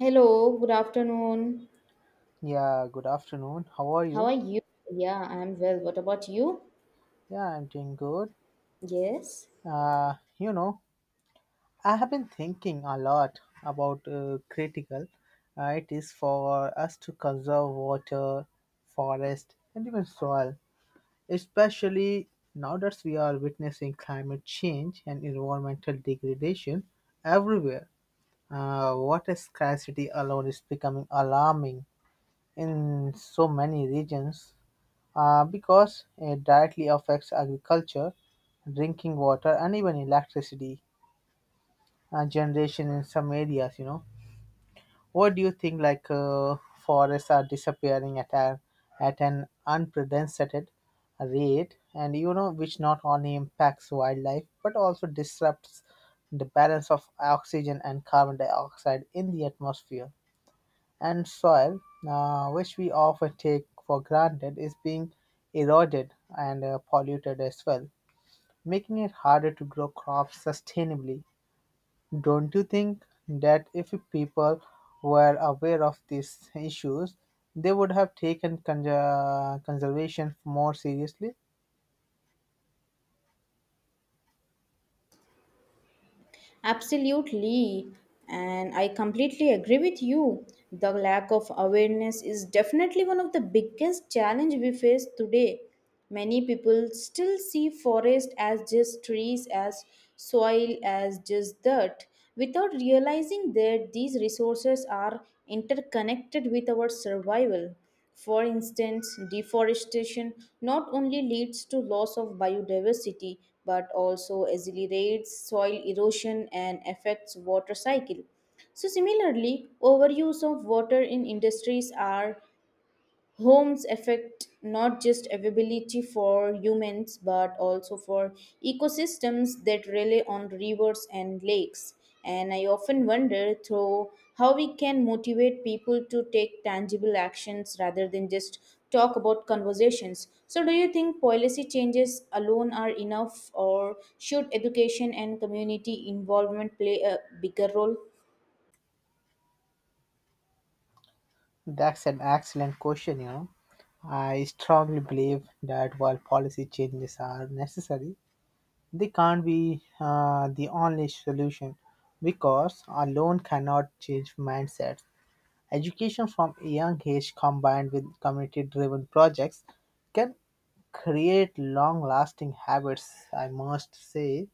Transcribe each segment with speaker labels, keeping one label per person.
Speaker 1: Hello, good afternoon.
Speaker 2: Yeah, good afternoon. How are
Speaker 1: How are
Speaker 2: you?
Speaker 1: you? Yeah, I'm well. What about you?
Speaker 2: Yeah, I'm doing good.
Speaker 1: Yes,
Speaker 2: Uh, you know, I have been thinking a lot about critical. It is for us to conserve water, forest, and even soil, especially now that we are witnessing climate change and environmental degradation everywhere. Water scarcity alone is becoming alarming in so many regions because it directly affects agriculture, drinking water, and even electricity generation in some areas. You know, what do you think? Forests are disappearing at an unprecedented rate, and you know, which not only impacts wildlife but also disrupts the balance of oxygen and carbon dioxide in the atmosphere and soil, which we often take for granted, is being eroded and polluted as well, making it harder to grow crops sustainably. Don't you think that if people were aware of these issues, they would have taken conservation more seriously?
Speaker 1: absolutely. And I completely agree with you. The lack of awareness is definitely one of the biggest challenge we face today. Many people still see forest as just trees, as soil, as just dirt, without realizing that these resources are interconnected with our survival. For instance, deforestation not only leads to loss of biodiversity but also accelerates soil erosion and affects water cycle. So similarly, overuse of water in industries are homes affect not just availability for humans but also for ecosystems that rely on rivers and lakes, and I often wonder through how we can motivate people to take tangible actions rather than just talk about conversations. So, do you think policy changes alone are enough, or should education and community involvement play a bigger role?
Speaker 2: That's an excellent question, you know. I strongly believe that while policy changes are necessary, they can't be the only solution because alone cannot change mindsets. Education from a young age combined with community driven projects can create long lasting habits, I must say,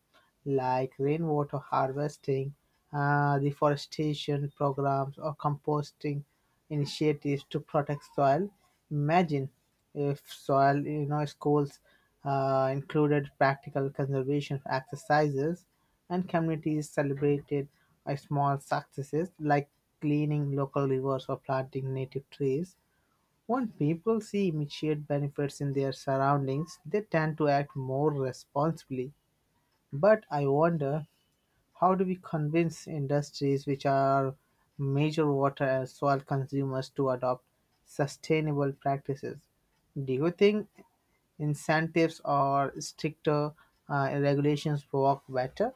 Speaker 2: like rainwater harvesting, reforestation programs, or composting initiatives to protect soil. Imagine if soil, you know, schools included practical conservation exercises and communities celebrated small successes like cleaning local rivers or planting native trees when people see immediate benefits in their surroundings, they tend to act more responsibly. But I wonder how do we convince industries which are major water and soil consumers to adopt sustainable practices? Do you think incentives or stricter regulations work better?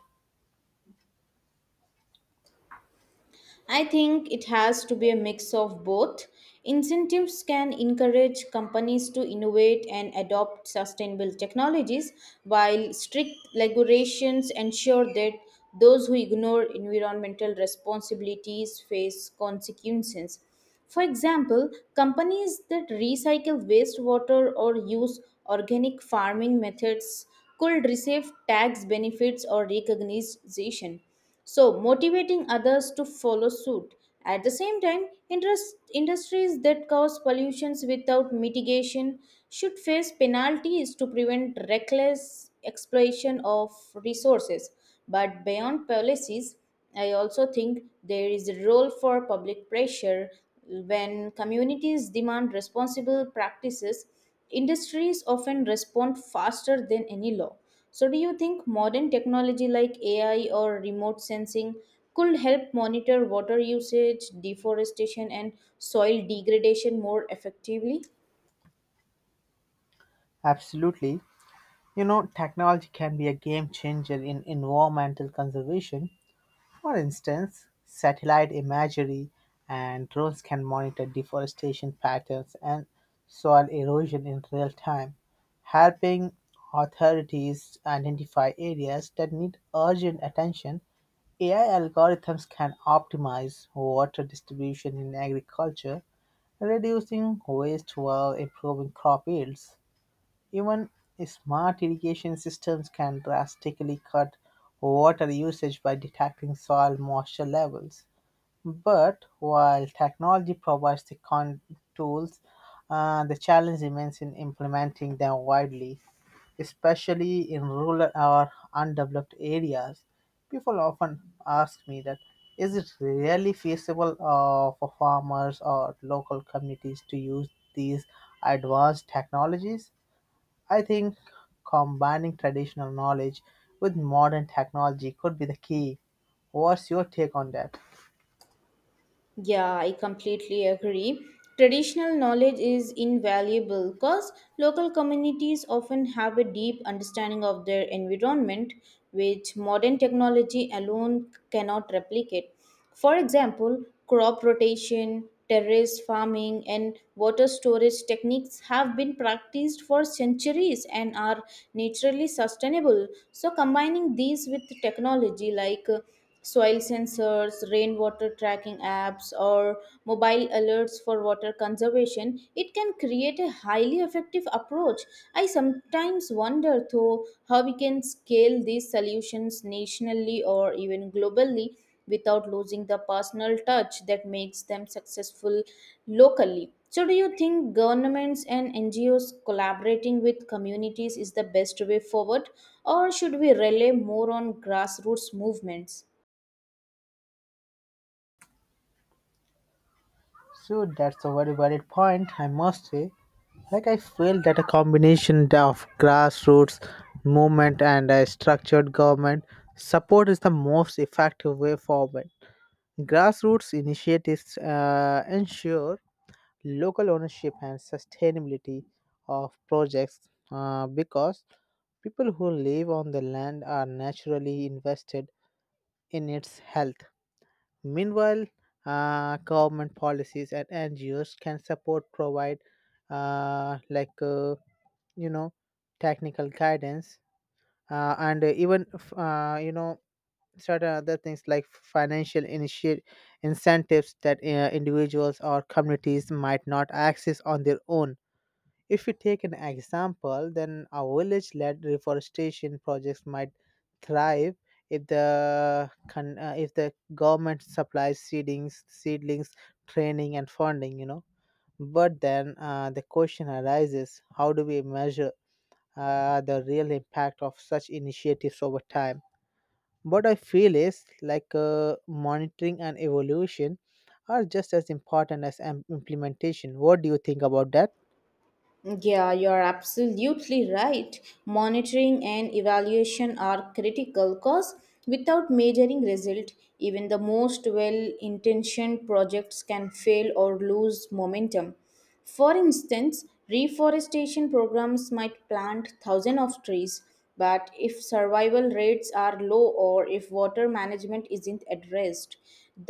Speaker 1: I think it has to be a mix of both. Incentives can encourage companies to innovate and adopt sustainable technologies, while strict regulations ensure that those who ignore environmental responsibilities face consequences. For example, companies that recycle wastewater or use organic farming methods could receive tax benefits or recognition, so motivating others to follow suit. At the same time, interest, industries that cause pollutions without mitigation should face penalties to prevent reckless exploitation of resources. But beyond policies, I also think there is a role for public pressure when communities demand responsible practices. Industries often respond faster than any law. So, do you think modern technology like AI or remote sensing could help monitor water usage, deforestation, and soil degradation more effectively?
Speaker 2: Absolutely. You know, technology can be a game changer in environmental conservation. For instance, satellite imagery and drones can monitor deforestation patterns and soil erosion in real time, helping authorities identify areas that need urgent attention. AI algorithms can optimize water distribution in agriculture, reducing waste while improving crop yields. Even smart irrigation systems can drastically cut water usage by detecting soil moisture levels. But while technology provides the tools, the challenge remains in implementing them widely, especially in rural or undeveloped areas. People often ask me that is it really feasible for farmers or local communities to use these advanced technologies. I think combining traditional knowledge with modern technology could be the key. What's your take on that?
Speaker 1: Yeah, I completely agree. Traditional knowledge is invaluable because local communities often have a deep understanding of their environment, which modern technology alone cannot replicate. For example, crop rotation, terrace farming, and water storage techniques have been practiced for centuries and are naturally sustainable. So, combining these with technology like soil sensors, rainwater tracking apps, or mobile alerts for water conservation, it can create a highly effective approach. I sometimes wonder, though, how we can scale these solutions nationally or even globally without losing the personal touch that makes them successful locally. So, do you think governments and NGOs collaborating with communities is the best way forward, or should we rely more on grassroots movements?
Speaker 2: So that's a very valid point, I must say. Like I feel that a combination of grassroots movement and a structured government support is the most effective way forward. Grassroots initiatives ensure local ownership and sustainability of projects because people who live on the land are naturally invested in its health. Meanwhile, government policies and NGOs can support, provide uh, like uh, you know technical guidance and even you know certain other things like financial incentives that individuals or communities might not access on their own. If we take an example, then a village led reforestation projects might thrive if if the government supplies seedlings, training, and funding. You know, but then the question arises: how do we measure the real impact of such initiatives over time? What I feel is like monitoring and evolution are just as important as implementation. What do you think about that?
Speaker 1: Yeah, you're absolutely right. Monitoring and evaluation are critical because without measuring result, even the most well-intentioned projects can fail or lose momentum. For instance, reforestation programs might plant thousands of trees, but if survival rates are low or if water management isn't addressed,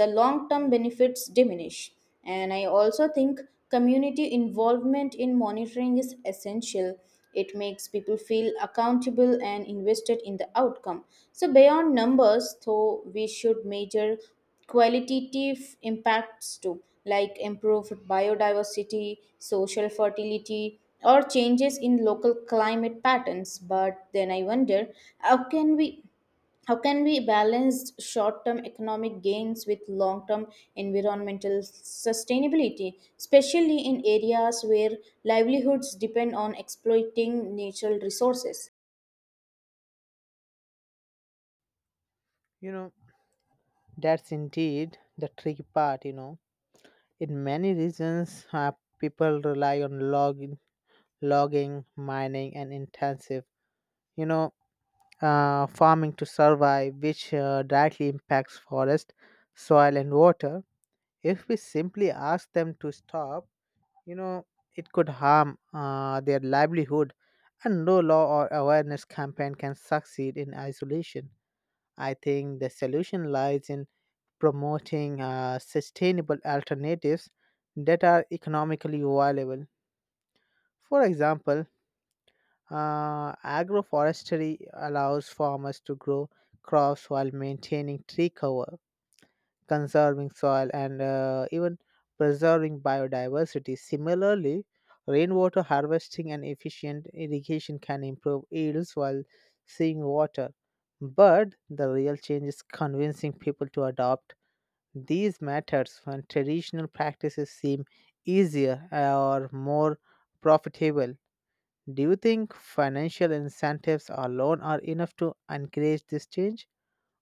Speaker 1: the long term benefits diminish. And I also think community involvement in monitoring is essential. It makes people feel accountable and invested in the outcome. So, beyond numbers, though, we should measure qualitative impacts too, like improved biodiversity, social fertility, or changes in local climate patterns. But then I wonder, how can we how can we balance short-term economic gains with long-term environmental sustainability, especially in areas where livelihoods depend on exploiting natural resources?
Speaker 2: You know, that's indeed the tricky part, you know. In many regions, people rely on logging, mining, and intensive, you know, farming to survive, which directly impacts forest, soil, and water. If we simply ask them to stop, you know, it could harm their livelihood, and no law or awareness campaign can succeed in isolation. I think the solution lies in promoting sustainable alternatives that are economically viable. For example, agroforestry allows farmers to grow crops while maintaining tree cover, conserving soil, and even preserving biodiversity. Similarly, rainwater harvesting and efficient irrigation can improve yields while saving water. But the real change is convincing people to adopt these matters when traditional practices seem easier or more profitable. Do you think financial incentives alone are enough to encourage this change?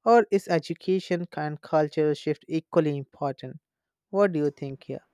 Speaker 2: Or is education and cultural shift equally important? What do you think here?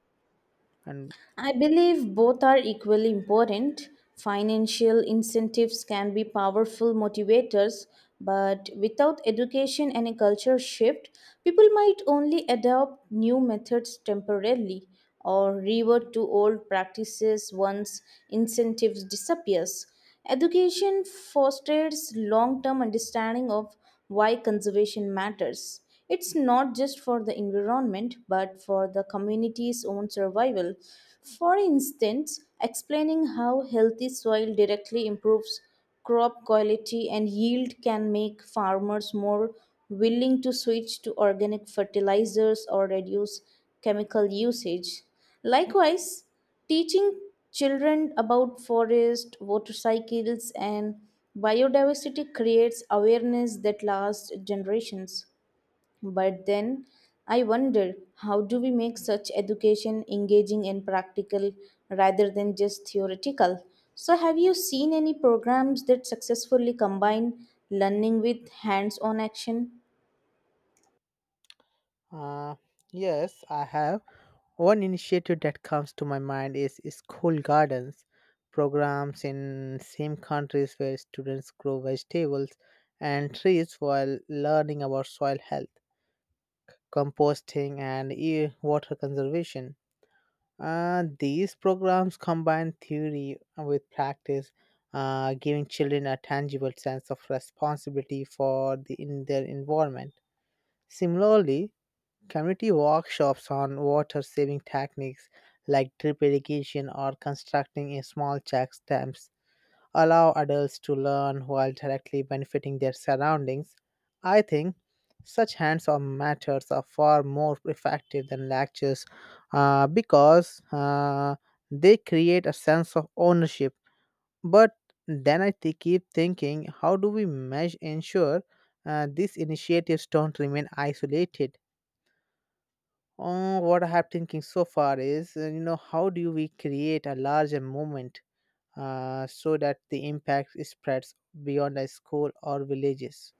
Speaker 2: And
Speaker 1: I believe both are equally important. Financial incentives can be powerful motivators, but without education and a culture shift, people might only adopt new methods temporarily or revert to old practices once incentives disappears. Education fosters long term understanding of why conservation matters. It's not just for the environment but for the community's own survival. For instance, explaining how healthy soil directly improves crop quality and yield can make farmers more willing to switch to organic fertilizers or reduce chemical usage. Likewise, teaching children about forest, motorcycles, and biodiversity creates awareness that lasts generations. But then I wonder, how do we make such education engaging and practical rather than just theoretical? So, have you seen any programs that successfully combine learning with hands on action?
Speaker 2: uh, yes, I have. One initiative that comes to my mind is school gardens, programs in same countries where students grow vegetables and trees while learning about soil health, composting, and water conservation. These programs combine theory with practice, giving children a tangible sense of responsibility for the, in their environment. Similarly, community workshops on water saving techniques like drip irrigation or constructing a small check dams allow adults to learn while directly benefiting their surroundings. I think such hands on methods are far more effective than lectures because they create a sense of ownership. But then keep thinking, how do we measure, ensure these initiatives don't remain isolated? What I have thinking so far is, you know, how do we create a larger movement so that the impact spreads beyond a school or villages?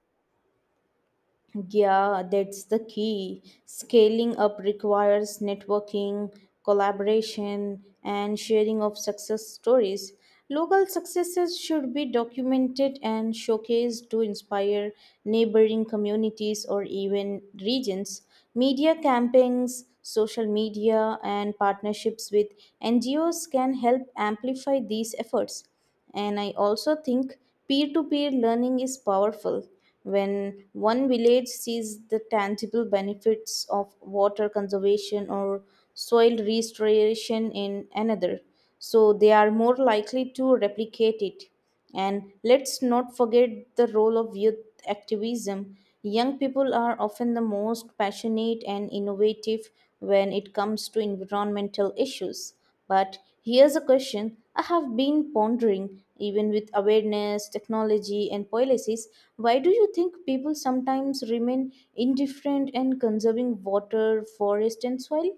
Speaker 1: Yeah, that's the key. Scaling up requires networking, collaboration, and sharing of success stories. Local successes should be documented and showcased to inspire neighboring communities or even regions. Media campaigns, social media, and partnerships with NGOs can help amplify these efforts. And I also think peer to peer learning is powerful. When one village sees the tangible benefits of water conservation or soil restoration in another, so they are more likely to replicate it. And let's not forget the role of youth activism. Young people are often the most passionate and innovative when it comes to environmental issues. But here's a question I have been pondering, even with awareness, technology, and policies. Why do you think people sometimes remain indifferent and conserving water, forest, and soil?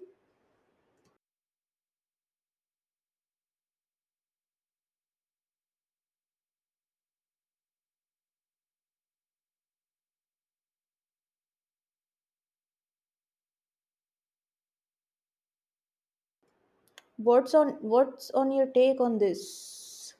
Speaker 1: What's on your take on this?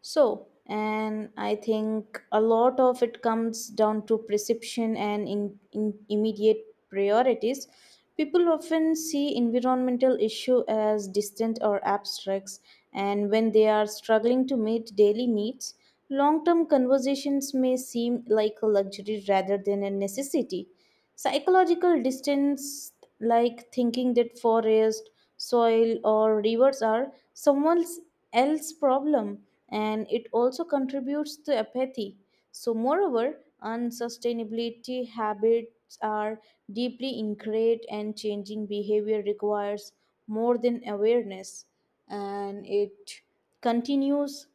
Speaker 1: So, and I think a lot of it comes down to perception and in immediate priorities. People often see environmental issue as distant or abstracts, and when they are struggling to meet daily needs, long-term conversations may seem like a luxury rather than a necessity. Psychological distance, like thinking that forest, soil, or rivers are someone else's problem, and it also contributes to apathy. So, moreover, unsustainability habits are deeply ingrained, and changing behavior requires more than awareness, and it continues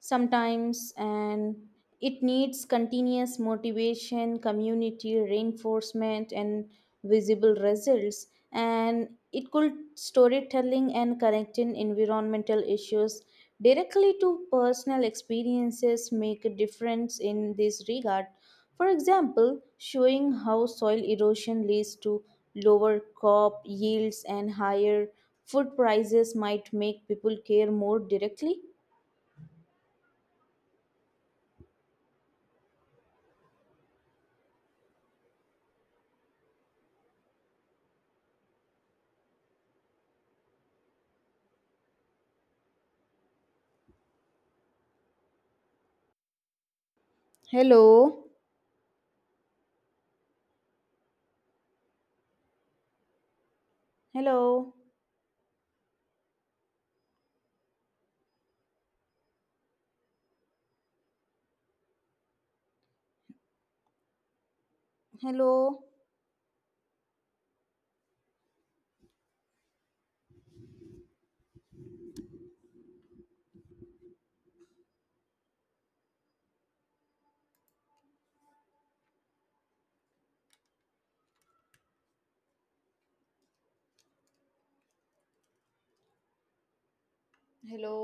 Speaker 1: sometimes, and it needs continuous motivation, community reinforcement, and visible results. And it could storytelling and connecting environmental issues directly to personal experiences make a difference in this regard. For example, showing how soil erosion leads to lower crop yields and higher food prices might make people care more directly. Hello. Hello. Hello, hello.